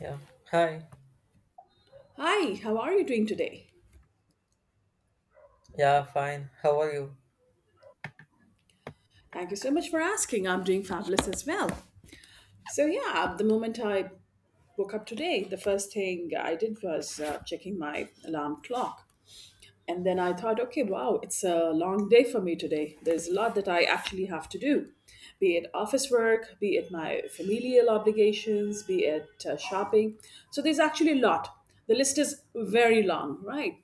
Yeah. Hi. Hi, how are you doing today? Yeah, fine. How are you? Thank you so much for asking. I'm doing fabulous as well. So, yeah, the moment I woke up today, the first thing I did was checking my alarm clock. And then I thought, okay, wow, it's a long day for me today. There's a lot that I actually have to do, be it office work, be it my familial obligations, be it shopping. So, there's actually a lot. The list is very long, right?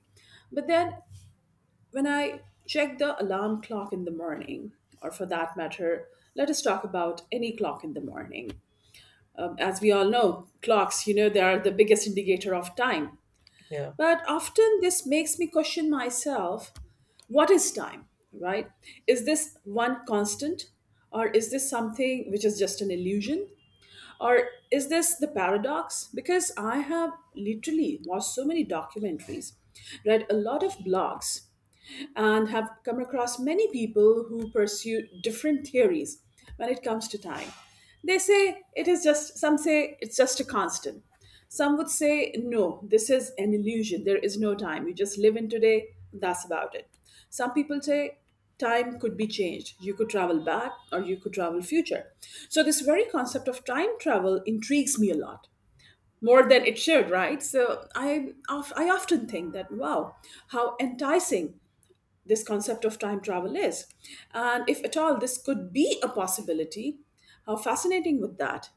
But then, when I check the alarm clock in the morning, or for that matter, let us talk about any clock in the morning. As we all know, clocks, you know, they are the biggest indicator of time. Yeah, But often this makes me question myself, what is time, right? Is this one constant, or is this something which is just an illusion? Or is this the paradox? Because I have literally watched so many documentaries, read a lot of blogs and have come across many people who pursue different theories when it comes to time. They say it is just, some say it's just a constant. Some would say, no, this is an illusion. There is no time. You just live in today. That's about it. Some people say time could be changed. You could travel back or you could travel future. So, this very concept of time travel intrigues me a lot more than it should, right? So I often think that, wow, how enticing this concept of time travel is. And if at all this could be a possibility, how fascinating would that?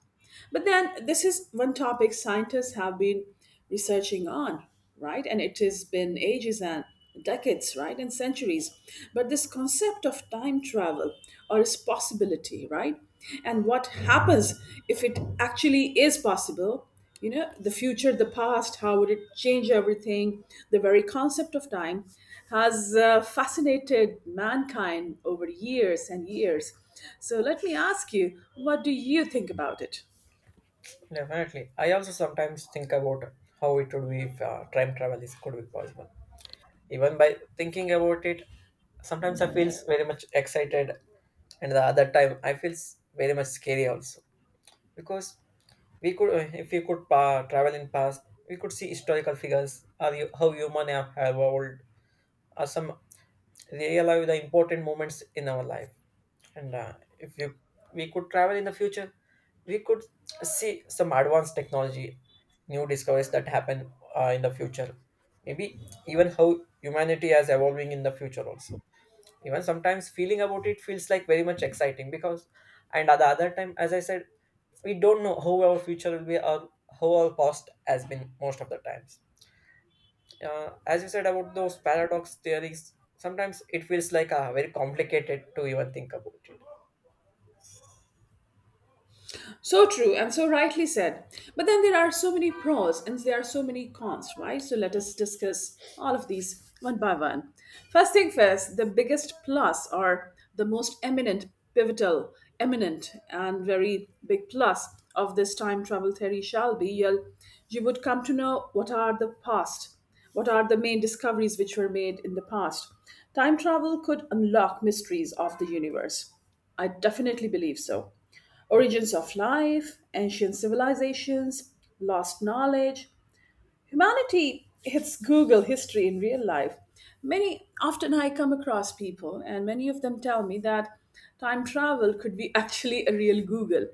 But then this is one topic scientists have been researching on, right? And it has been ages and decades, right? And centuries. But this concept of time travel or its possibility, right? And what happens if it actually is possible? You know, the future, the past, how would it change everything? The very concept of time has fascinated mankind over years and years. So let me ask you, what do you think about it? definitely. I also sometimes think about how it would be if time travel is could be possible. Even by thinking about it, sometimes I feel very much excited, and the other time I feel very much scary also because we could if we could travel in past, we could see historical figures, how human have evolved, or some realize the important moments in our life. And if we, we could travel in the future, we could see some advanced technology, new discoveries that happen in the future. Maybe even how humanity is evolving in the future also. Even sometimes feeling about it feels like very much exciting because, and at the other time, as I said, we don't know how our future will be or how our past has been most of the times. As you said about those paradox theories, sometimes it feels like very complicated to even think about it. So true and so rightly said. But then there are so many pros and there are so many cons, right? So let us discuss all of these one by one. First thing first, the biggest plus or the most eminent, pivotal, eminent, and very big plus of this time travel theory shall be you would come to know what are the past, what are the main discoveries which were made in the past? Time travel could unlock mysteries of the universe. I definitely believe so. Origins of life, ancient civilizations, lost knowledge. Humanity hits Google history in real life. Many often I come across people, and many of them tell me that time travel could be actually a real Google,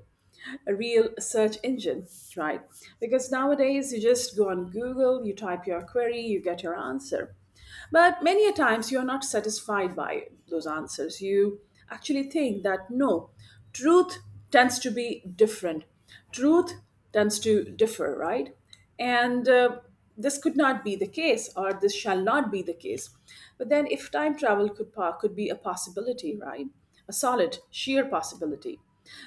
a real search engine, right? Because nowadays you just go on Google, you type your query, you get your answer. But many a times you're not satisfied by those answers. You actually think that, no, truth tends to be different. Truth tends to differ, right? And this could not be the case, or this shall not be the case. But then, if time travel could pa- could be a possibility, right? A solid, sheer possibility,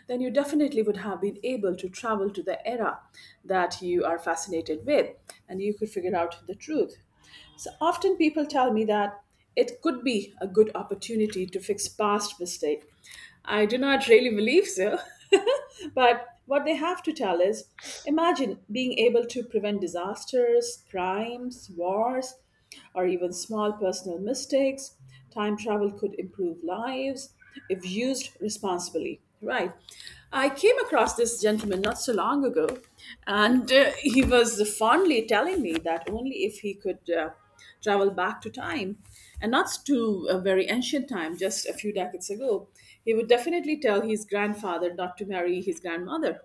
then you definitely would have been able to travel to the era that you are fascinated with, and you could figure out the truth. So often people tell me that it could be a good opportunity to fix past mistake. I do not really believe so, but what they have to tell is, imagine being able to prevent disasters, crimes, wars or even small personal mistakes. Time travel could improve lives if used responsibly. Right. I came across this gentleman not so long ago, and he was fondly telling me that only if he could travel back to time, and not to a very ancient time, just a few decades ago, he would definitely tell his grandfather not to marry his grandmother.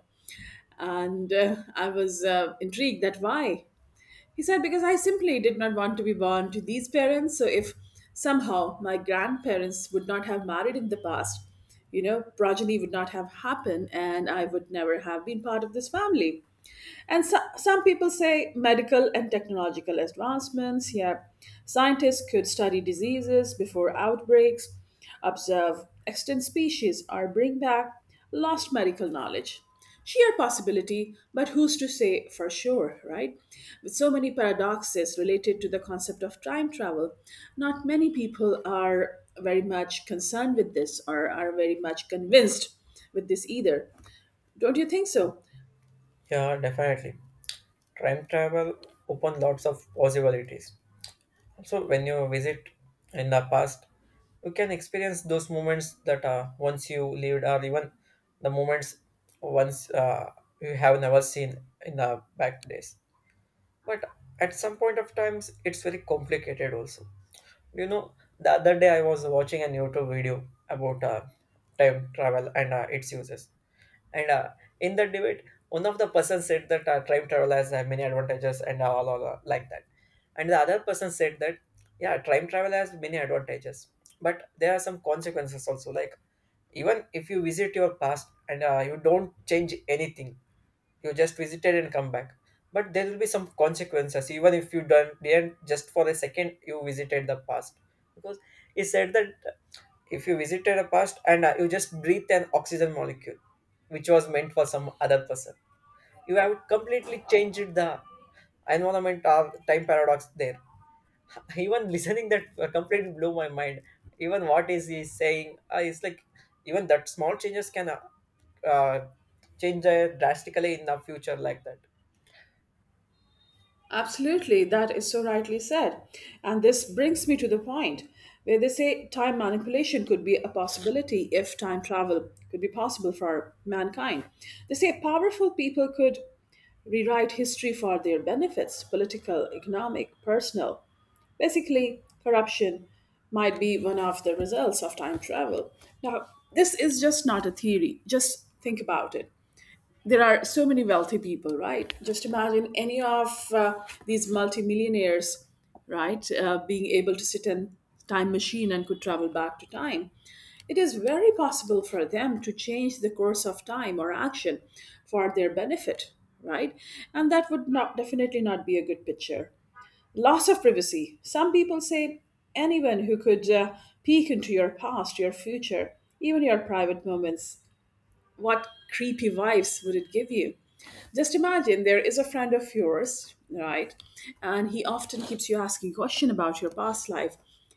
And I was intrigued that why? He said, because I simply did not want to be born to these parents. So if somehow my grandparents would not have married in the past, you know, progeny would not have happened and I would never have been part of this family. And so, some people say medical and technological advancements. Yeah, scientists could study diseases before outbreaks, observe extinct species, or bring back lost medical knowledge. Sheer possibility, but who's to say for sure, right? With so many paradoxes related to the concept of time travel, not many people are very much concerned with this or are very much convinced with this either. Don't you think so? Yeah, definitely. Time travel open lots of possibilities. Also, when you visit in the past, you can experience those moments that once you lived, or even the moments once you have never seen in the back days. But at some point of times, it's very complicated. Also, you know, the other day I was watching a YouTube video about time travel and its uses. And in the debate, one of the person said that time travel has many advantages and all like that. And the other person said that yeah, time travel has many advantages, but there are some consequences also. Like even if you visit your past and you don't change anything, you just visited and come back. But there will be some consequences, even if you don't didn't just for a second you visited the past, because he said that if you visited a past and you just breathed an oxygen molecule which was meant for some other person, you have completely changed the environment or time paradox there. Even listening that completely blew my mind, even what is he saying. It's like even that small changes can uh, change drastically in the future like that. Absolutely, that is so rightly said. And this brings me to the point where they say time manipulation could be a possibility if time travel could be possible for mankind. They say powerful people could rewrite history for their benefits, political, economic, personal. Basically, corruption might be one of the results of time travel. Now, this is just not a theory, just think about it. There are so many wealthy people, right? Just imagine any of these multimillionaires, right, being able to sit in time machine and could travel back to time. It is very possible for them to change the course of time or action for their benefit, right? And that would not definitely not be a good picture. Loss of privacy. Some people say anyone who could peek into your past, your future, even your private moments, what creepy vibes would it give you? Just imagine there is a friend of yours, right? And he often keeps you asking question about your past life.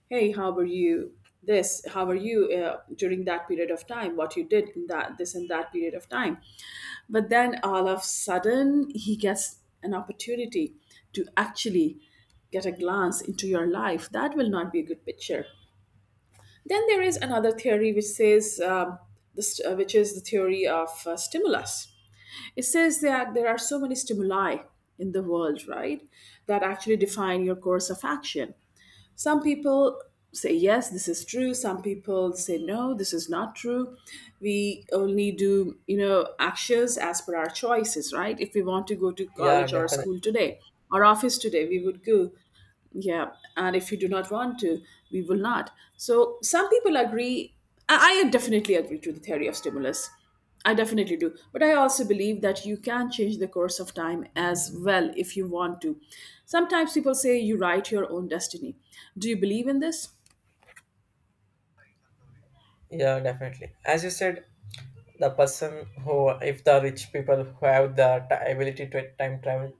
Hey, how were you? This, how were you during that period of time? What you did in that this and that period of time? But then all of a sudden, he gets an opportunity to actually get a glance into your life. That will not be a good picture. Then there is another theory which says which is the theory of stimulus. It says that there are so many stimuli in the world, right, that actually define your course of action. Some people say, yes, this is true. Some people say, no, this is not true. We only do, you know, actions as per our choices, right? If we want to go to Yeah, college or definitely. school today or office today, we would go. Yeah. And if you do not want to, we will not. So some people agree. I I definitely agree to the theory of stimulus. I definitely do. But I also believe that you can change the course of time as well if you want to. Sometimes people say you write your own destiny. Do you believe in this? Yeah, definitely, as you said, the person who, if the rich people who have the ability to time travel,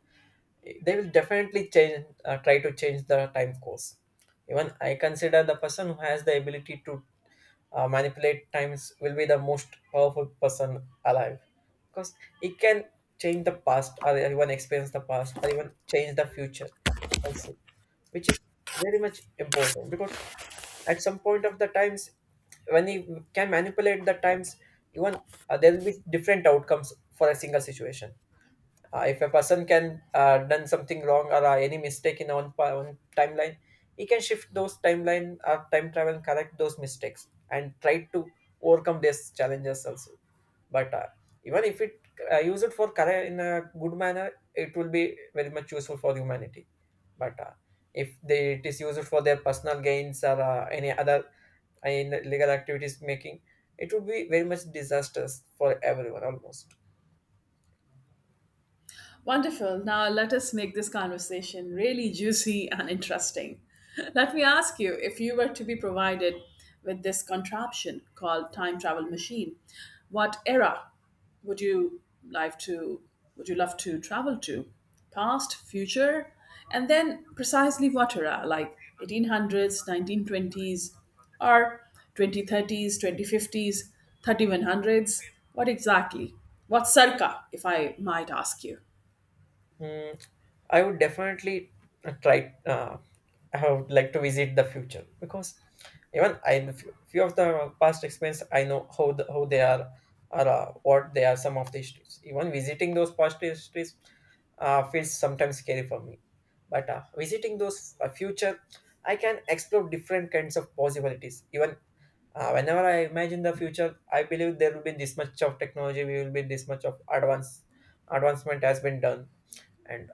they will definitely change, try to change the time course. Even I consider the person who has the ability to manipulate times will be the most powerful person alive, because he can change the past or even experience the past or even change the future also, which is very much important because at some point of the times, when he can manipulate the times, even there will be different outcomes for a single situation. If a person can done something wrong or any mistake in one timeline, he can shift those timeline or time travel and correct those mistakes and try to overcome these challenges also. But even if it use it for correct in a good manner, it will be very much useful for humanity. But if they, it is used for their personal gains or any other in legal activities making, it would be very much disastrous for everyone almost. Wonderful. Now let us make this conversation really juicy and interesting. Let me ask you, if you were to be provided with this contraption called time travel machine, what era would you like to, would you love to travel to? Past, future, and then precisely what era? Like 1800s, 1920s, or 2030s, 2050s, 3100s? What exactly? What circa, if I might ask you? Hmm, I would definitely try. I would like to visit the future because even I few of the past experience, I know how the, how they are or what they are. Some of the histories, even visiting those past histories, feels sometimes scary for me. But visiting those future, I can explore different kinds of possibilities. Even whenever I imagine the future, I believe there will be this much of technology. We will be this much of advancement has been done, and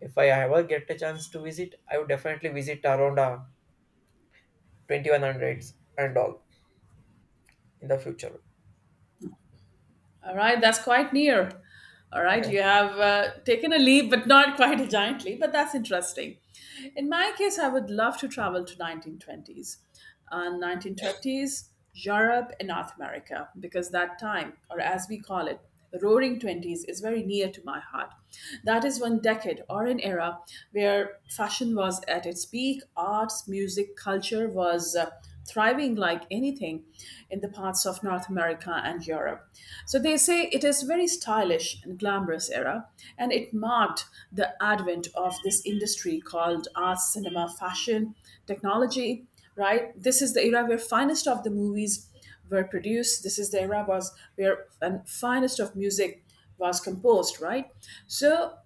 if I ever get a chance to visit, I would definitely visit around 2100s and all in the future. All right, that's quite near. All right, Yeah, you have taken a leap, but not quite a giant leap, but that's interesting. In my case, I would love to travel to 1920s. 1920s, Europe and North America, because that time, or as we call it, roaring 20s, is very near to my heart. That is one decade or an era where fashion was at its peak, arts, music, culture was thriving like anything in the parts of North America and Europe. So they say it is very stylish and glamorous era, and it marked the advent of this industry called art, cinema, fashion, technology. Right, this is the era where finest of the movies were produced. This is the era was where and finest of music was composed. Right, so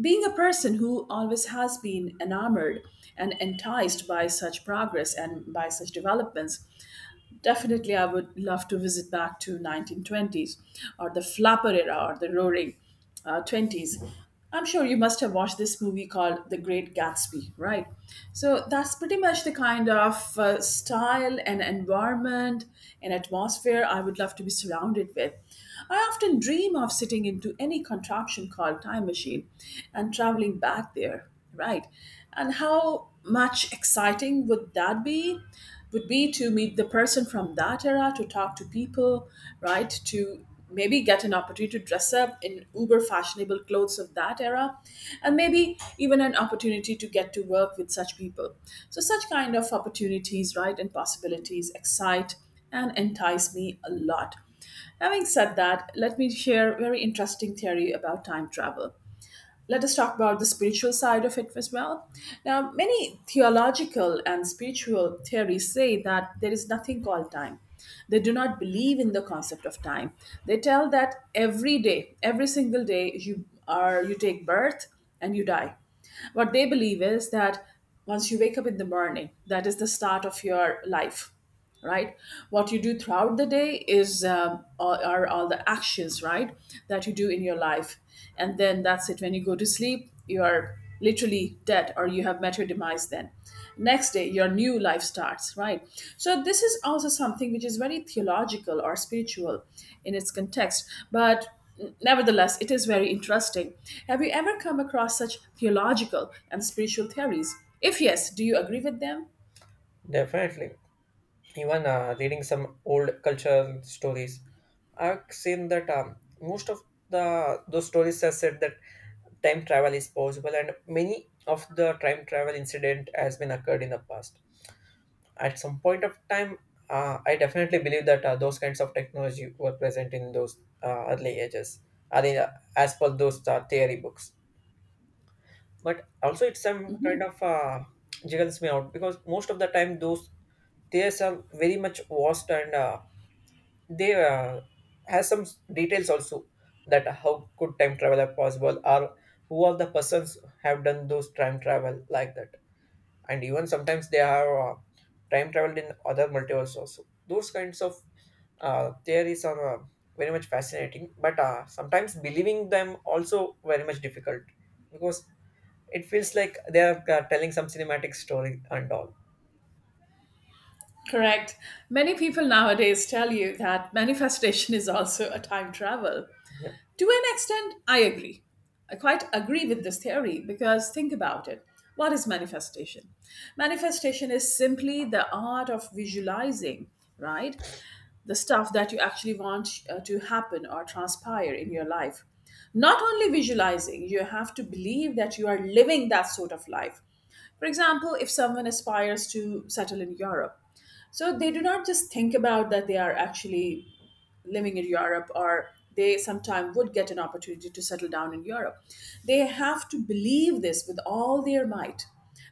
being a person who always has been enamored and enticed by such progress and by such developments, definitely, I would love to visit back to 1920s or the flapper era or the roaring 20s. I'm sure you must have watched this movie called The Great Gatsby, right? So that's pretty much the kind of style and environment and atmosphere I would love to be surrounded with. I often dream of sitting into any contraption called time machine and traveling back there. Right. And how much exciting would that be? Would be to meet the person from that era, to talk to people, right? To maybe get an opportunity to dress up in uber fashionable clothes of that era, and maybe even an opportunity to get to work with such people. So, such kind of opportunities, right, and possibilities excite and entice me a lot. Having said that, let me share a very interesting theory about time travel. Let us talk about the spiritual side of it as well. Now, many theological and spiritual theories say that there is nothing called time. They do not believe in the concept of time. They tell that every day, every single day, you take birth and you die. What they believe is that once you wake up in the morning, that is the start of your life, right? What you do throughout the day is are all the actions, right, that you do in your life. And then that's it, when you go to sleep you are literally dead or you have met your demise. Then next day your new life starts, right? So this is also something which is very theological or spiritual in its context, but nevertheless it is very interesting. Have you ever come across such theological and spiritual theories? If yes, do you agree with them? definitely. Even reading some old cultural stories, I've seen that most of the those stories have said that time travel is possible, and many of the time travel incident has been occurred in the past. At some point of time, I definitely believe that those kinds of technology were present in those early ages. I mean, as per those theory books. But also it's some kind of jiggles me out because most of the time those theories are very much vast, and they has some details also that how could time travel are possible or who are the persons have done those time travel like that. And even sometimes they have time traveled in other multiverse also. Those kinds of theories are very much fascinating, but sometimes believing them also very much difficult, because it feels like they are telling some cinematic story and all. Correct. Many people nowadays tell you that manifestation is also a time travel. Yeah, To an extent, I agree. I quite agree with this theory, because think about it. What is manifestation? Manifestation is simply the art of visualizing, right? The stuff that you actually want to happen or transpire in your life. Not only visualizing, you have to believe that you are living that sort of life. For example, if someone aspires to settle in Europe, so they do not just think about that they are actually living in Europe, or they sometime would get an opportunity to settle down in Europe. They have to believe this with all their might.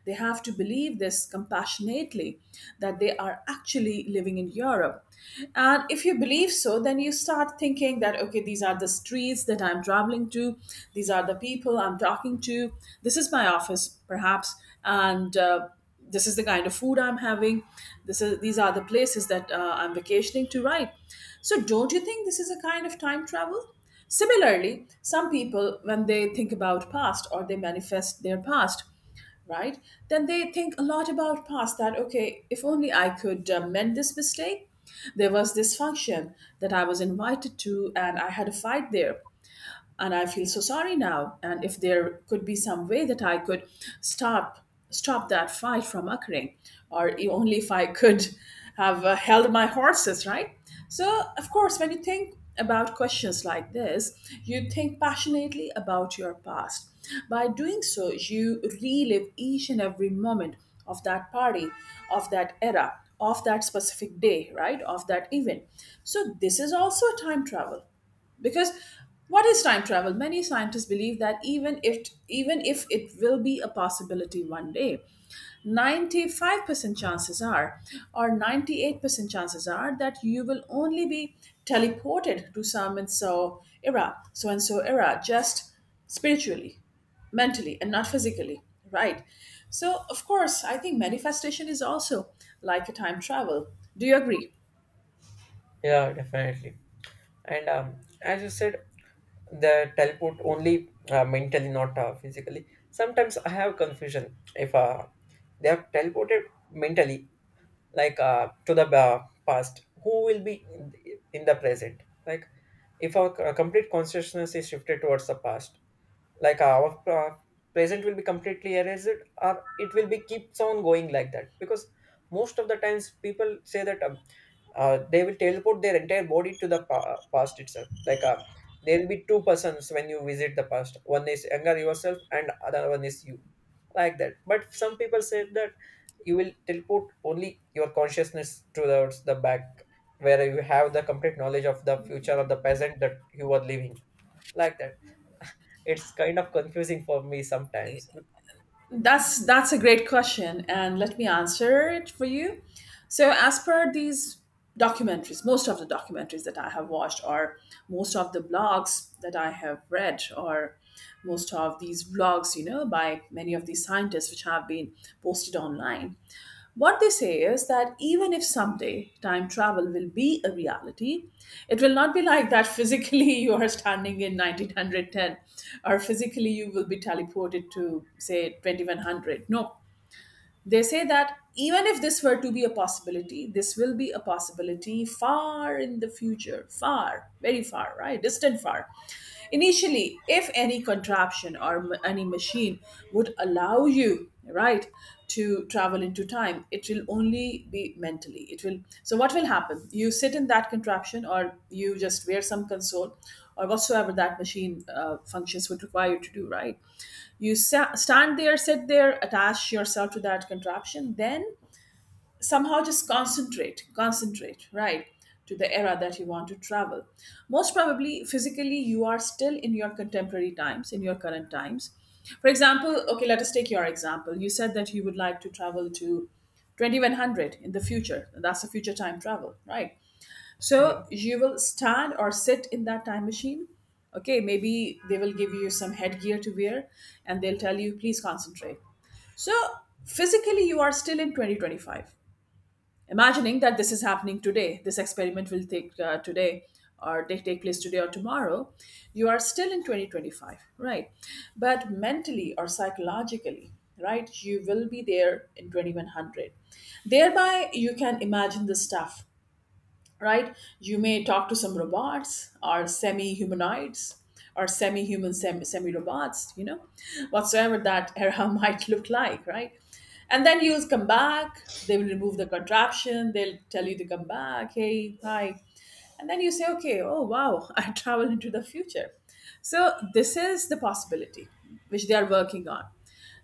They have to believe this compassionately, that they are actually living in Europe. And if you believe so, then you start thinking that, okay, these are the streets that I'm traveling to, these are the people I'm talking to, this is my office, perhaps, and this is the kind of food I'm having, this is these are the places that I'm vacationing to, right? So don't you think this is a kind of time travel? Similarly, some people, when they think about past or they manifest their past, right, then they think a lot about past, that okay, if only I could mend this mistake. There was this function that I was invited to and I had a fight there, and I feel so sorry now, and if there could be some way that I could stop stop that fight from occurring, or only if I could have held my horses, right? So of course, when you think about questions like this, you think passionately about your past. By doing so you relive each and every moment of that party, of that era, of that specific day, right, of that event. So this is also time travel. Because what is time travel? Many scientists believe that even if it will be a possibility one day, 95% chances are, or 98% chances are that you will only be teleported to some and so era, so and so era, just spiritually, mentally, and not physically, right? So of course I think manifestation is also like a time travel. Do you agree? yeah, definitely. And as you said, the teleport only mentally not physically. Sometimes I have confusion if they have teleported mentally, like to the past, who will be in the present? Like if our complete consciousness is shifted towards the past, like our present will be completely erased, or it will be keeps on going like that? Because most of the times people say that they will teleport their entire body to the past itself, like there will be two persons when you visit the past, one is younger yourself and other one is you, like that. But some people say that you will teleport only your consciousness towards the back, where you have the complete knowledge of the future or the present that you are living, like that. It's kind of confusing for me sometimes. That's a great question, and let me answer it for you. So, as per these documentaries, most of the documentaries that I have watched, or most of the blogs that I have read, or most of these vlogs, you know, by many of these scientists which have been posted online, what they say is that even if someday time travel will be a reality, it will not be like that physically you are standing in 1910, or physically you will be teleported to, say, 2100. No, they say that even if this were to be a possibility, this will be a possibility far in the future, far, very far, right? Distant far. Initially, if any contraption or any machine would allow you, right, to travel into time, it will only be mentally. It will. So, what will happen? You sit in that contraption, or you just wear some console, or whatsoever that machine functions would require you to do, right? You stand there, sit there, attach yourself to that contraption, then somehow just concentrate, right, to the era that you want to travel. Most probably physically you are still in your contemporary times, in your current times. For example, okay, let us take your example. You said that you would like to travel to 2100 in the future. That's a future time travel, right? So Yeah. you will stand or sit in that time machine. Okay, maybe they will give you some headgear to wear and they'll tell you, please concentrate. So physically, you are still in 2025. Imagining that this is happening today, this experiment will take place today or tomorrow, you are still in 2025, right? But mentally or psychologically, right, you will be there in 2100. Thereby, you can imagine the stuff, right? You may talk to some robots or semi humanoids, or semi human, semi robots, you know, whatsoever that era might look like, right? And then you'll come back, they will remove the contraption, they'll tell you to come back, hey, hi. And then you say, okay, oh wow, I travel into the future. So this is the possibility which they are working on.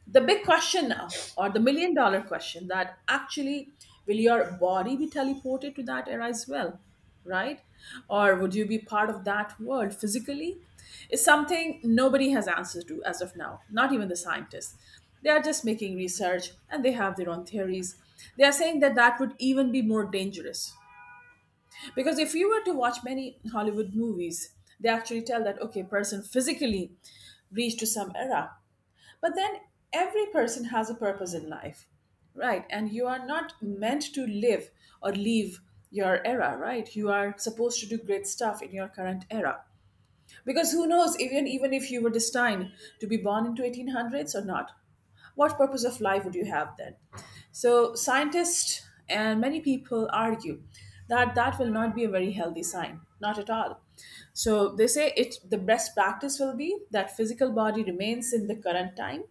The big question now, or the million-dollar question, that actually, will your body be teleported to that era as well, right, or would you be part of that world physically, is something nobody has answers to as of now, not even the scientists. They are just making research and they have their own theories. They are saying that that would even be more dangerous, because if you were to watch many Hollywood movies, they actually tell that okay, person physically reached to some era, but then every person has a purpose in life, right? And you are not meant to live, or leave, your era, right? You are supposed to do great stuff in your current era. Because who knows, even if you were destined to be born into 1800s or not, what purpose of life would you have then? So scientists and many people argue that that will not be a very healthy sign, not at all. So they say it, the best practice will be that physical body remains in the current time,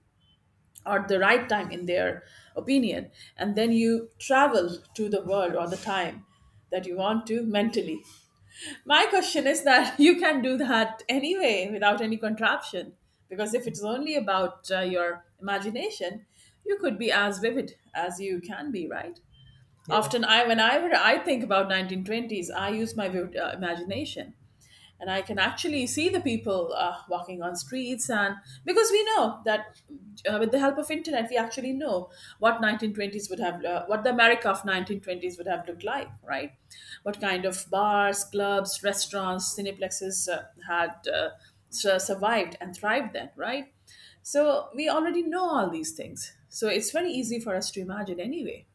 or the right time in their opinion, and then you travel to the world or the time that you want to mentally. My question is that you can do that anyway without any contraption, because if it's only about your imagination, you could be as vivid as you can be, right? Yeah. Often I whenever I think about 1920s, I use my vivid, imagination, and I can actually see the people walking on streets, and because we know that with the help of internet, we actually know what 1920s would have, what the America of 1920s would have looked like, right? What kind of bars, clubs, restaurants, cineplexes had survived and thrived then, right? So we already know all these things. So it's very easy for us to imagine anyway.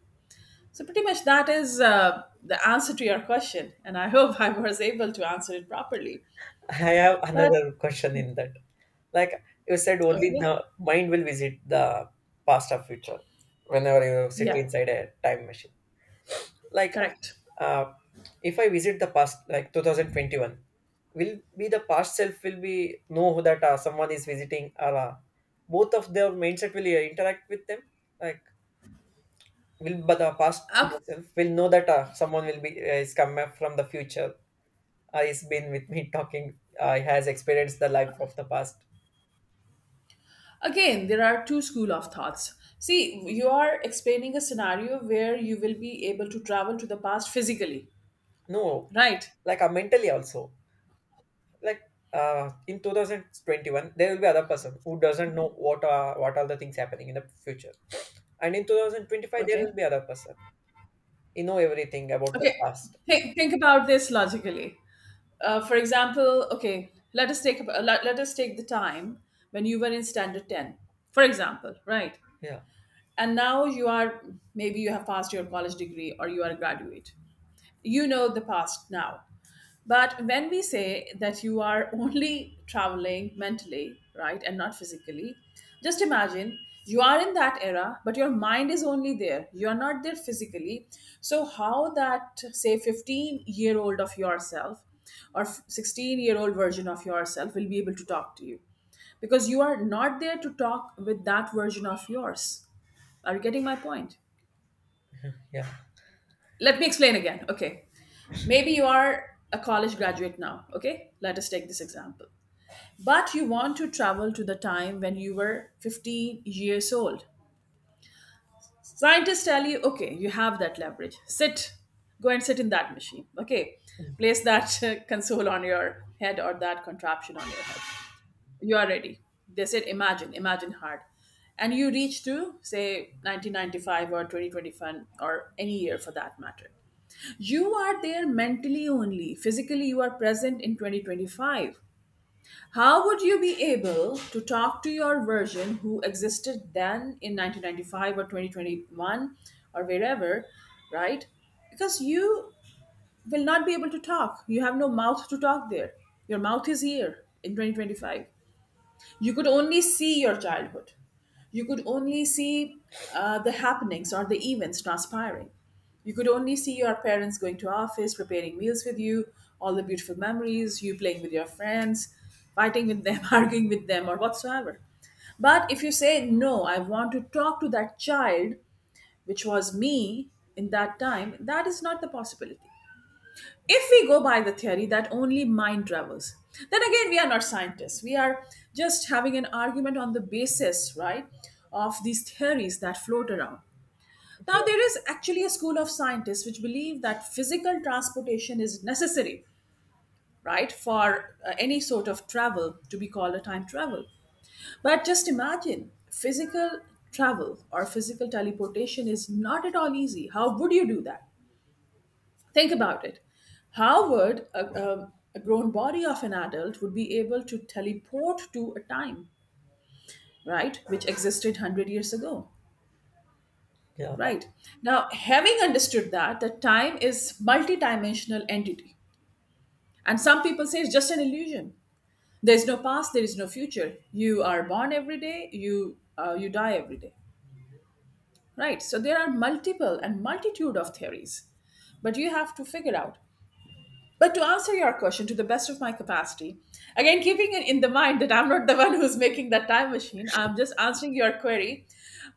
So pretty much that is the answer to your question, and I hope I was able to answer it properly. I have But another question in that. Like you said, only okay, the mind will visit the past or future whenever you sit yeah, inside a time machine. Like, correct. uh, if I visit the past, like 2021, will be the past self will be know that someone is visiting or both of their mindset will interact with them. Like, will but the past Ac- myself will know that someone will be is come from the future, has been with me, talking, he has experienced the life of the past. Again, there are two school of thoughts. See, you are explaining a scenario where you will be able to travel to the past physically, No, right? like mentally also, like in 2021 there will be other person who doesn't know what are the things happening in the future, and in 2025 there Okay. will be other person you know everything about the Okay. past. Think about this logically. For example, okay, let us take the time when you were in standard 10. For example, right? Yeah, And now you are maybe you have passed your college degree or you are a graduate. You know the past now. But when we say that you are only traveling mentally, right, and not physically, just imagine you are in that era, but your mind is only there. You are not there physically. So, how that, say, 15-year-old of yourself or 16-year-old version of yourself will be able to talk to you? Because you are not there to talk with that version of yours. Are you getting my point? yeah, Let me explain again. Okay. Maybe you are a college graduate now. Okay. Let us take this example. But you want to travel to the time when you were 15 years old. Scientists tell you, okay, you have that leverage. Sit, go and sit in that machine. Okay. Place that console on your head, or that contraption on your head. You are ready. They said, imagine, imagine hard. And you reach to, say, 1995 or 2025 or any year for that matter. You are there mentally only. Physically, you are present in 2025. How would you be able to talk to your version who existed then in 1995 or 2021 or wherever, right? Because you will not be able to talk. You have no mouth to talk there. Your mouth is here in 2025. You could only see your childhood, you could only see the happenings or the events transpiring. You could only see your parents going to office, preparing meals with you, all the beautiful memories, you playing with your friends, fighting with them, arguing with them or whatsoever. But if you say no, I want to talk to that child, which was me, in that time, that is not the possibility. If we go by the theory that only mind travels, then again, we are not scientists. We are just having an argument on the basis, right, of these theories that float around. Now, yeah, there is actually a school of scientists which believe that physical transportation is necessary, right, for any sort of travel to be called a time travel. But just imagine, physical travel or physical teleportation is not at all easy. How would you do that? Think about it. How would a grown body of an adult would be able to teleport to a time, right, which existed 100 years ago, yeah, right? Now, having understood that, that time is multidimensional entity. And some people say it's just an illusion. There's no past, there is no future. You are born every day, you die every day, right? So there are multiple and multitude of theories. But you have to figure out But to answer your question, to the best of my capacity, again, keeping it in the mind that I'm not the one who's making that time machine, I'm just answering your query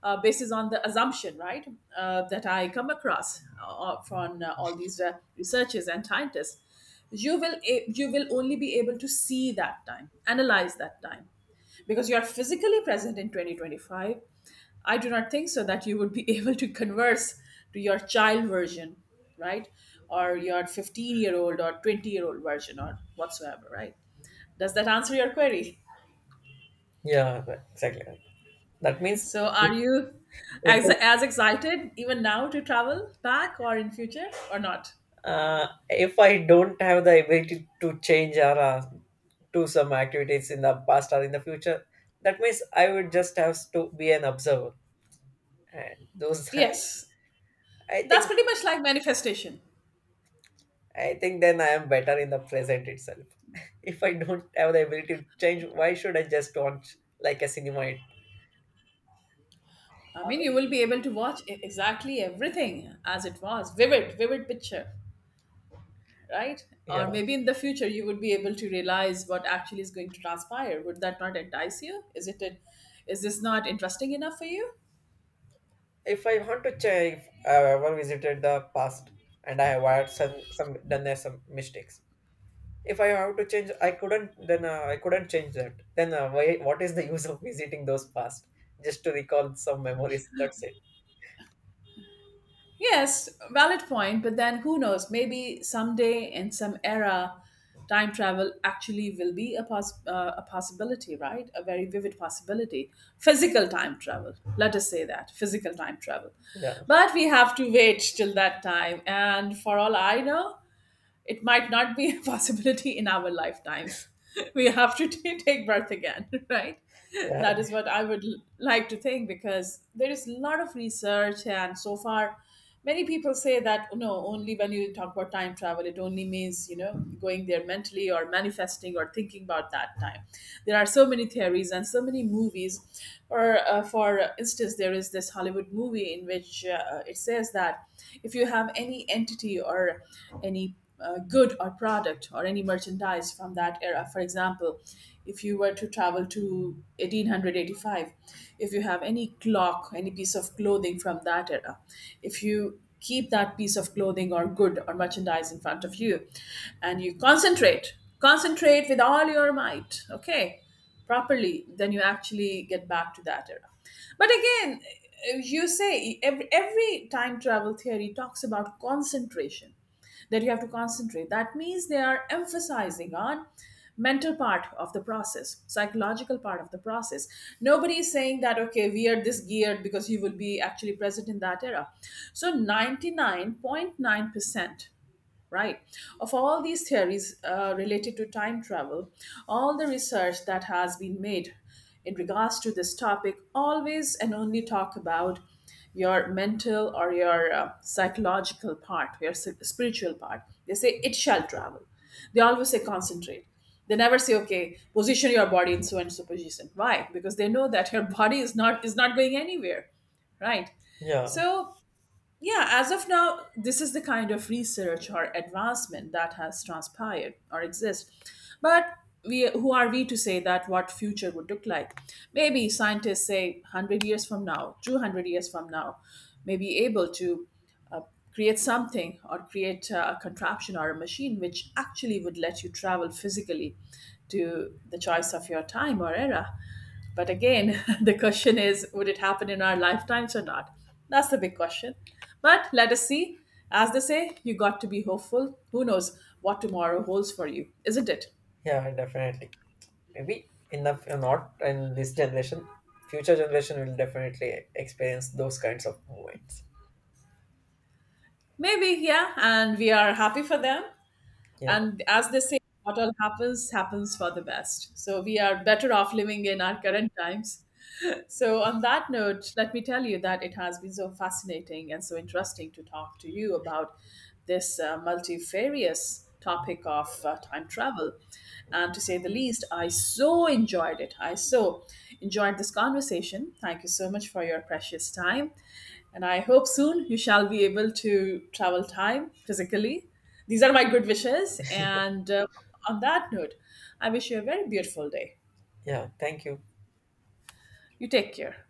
basis on the assumption, right, that I come across from all these researchers and scientists. You will only be able to see that time, analyze that time, because you are physically present in 2025. I do not think so that you would be able to converse to your child version, right? Or your 15-year-old or 20-year-old version or whatsoever, right? Does that answer your query? yeah, exactly. That means So, are you we as, can. as excited even now to travel back or in future or not? If I don't have the ability to change or do some activities in the past or in the future, that means I would just have to be an observer. And those, Yes, I that's think, pretty much like manifestation. I think then I am better in the present itself. If I don't have the ability to change, why should I just watch like a cinema? It. I mean, you will be able to watch exactly everything as it was, vivid, vivid picture, right? Or Yeah. maybe in the future you would be able to realize what actually is going to transpire. Would that not entice you? Is this not interesting enough for you? If I want to change, if I've ever visited the past and I have had some done there some mistakes, if I have to change, I couldn't. Then I couldn't change that. Then why? What is the use of visiting those past? Just to recall some memories. That's it. Yes, valid point, but then who knows? Maybe someday in some era, time travel actually will be a, a possibility, right? A very vivid possibility. Physical time travel, let us say that, physical time travel. Yeah, But we have to wait till that time. And for all I know, it might not be a possibility in our lifetimes. We have to take birth again, right? yeah, That is what I would like to think, because there is a lot of research, and so far, many people say that, oh, no, only when you talk about time travel, it only means, you know, going there mentally or manifesting or thinking about that time. There are so many theories and so many movies. Or for instance, there is this Hollywood movie in which it says that if you have any entity or any good or product or any merchandise from that era. For example, if you were to travel to 1885, if you have any clock, any piece of clothing from that era, if you keep that piece of clothing or good or merchandise in front of you and you concentrate, concentrate with all your might, okay, properly, then you actually get back to that era. But again, you say every time travel theory talks about concentration, that you have to concentrate. That means they are emphasizing on mental part of the process, psychological part of the process. Nobody is saying that, okay, we are this geared because you will be actually present in that era. So 99.9%, right, of all these theories related to time travel, all the research that has been made in regards to this topic always and only talk about your mental or your psychological part, your spiritual part. They say it shall travel. They always say concentrate. They never say, okay, position your body in so and so position. Why? Because they know that your body is not going anywhere, right? yeah, So yeah, as of now, this is the kind of research or advancement that has transpired or exists. But we, who are we to say that what future would look like? Maybe scientists say 100 years from now, 200 years from now, may be able to uh, uh, create something or create a contraption or a machine which actually would let you travel physically to the choice of your time or era. But again, the question is, would it happen in our lifetimes or not? That's the big question. But let us see. As they say, you got to be hopeful. Who knows what tomorrow holds for you, isn't it? yeah. Definitely. Maybe enough or not in this generation. Future generation will definitely experience those kinds of moments. Maybe, yeah. And we are happy for them. Yeah, And as they say, what all happens, happens for the best. So we are better off living in our current times. So, on that note, let me tell you that it has been so fascinating and so interesting to talk to you about this multifarious topic of time travel. And to say the least, I so enjoyed it. I so enjoyed this conversation. Thank you so much for your precious time. And I hope soon you shall be able to travel time physically. These are my good wishes. And on that note, I wish you a very beautiful day. yeah. Thank you. You take care.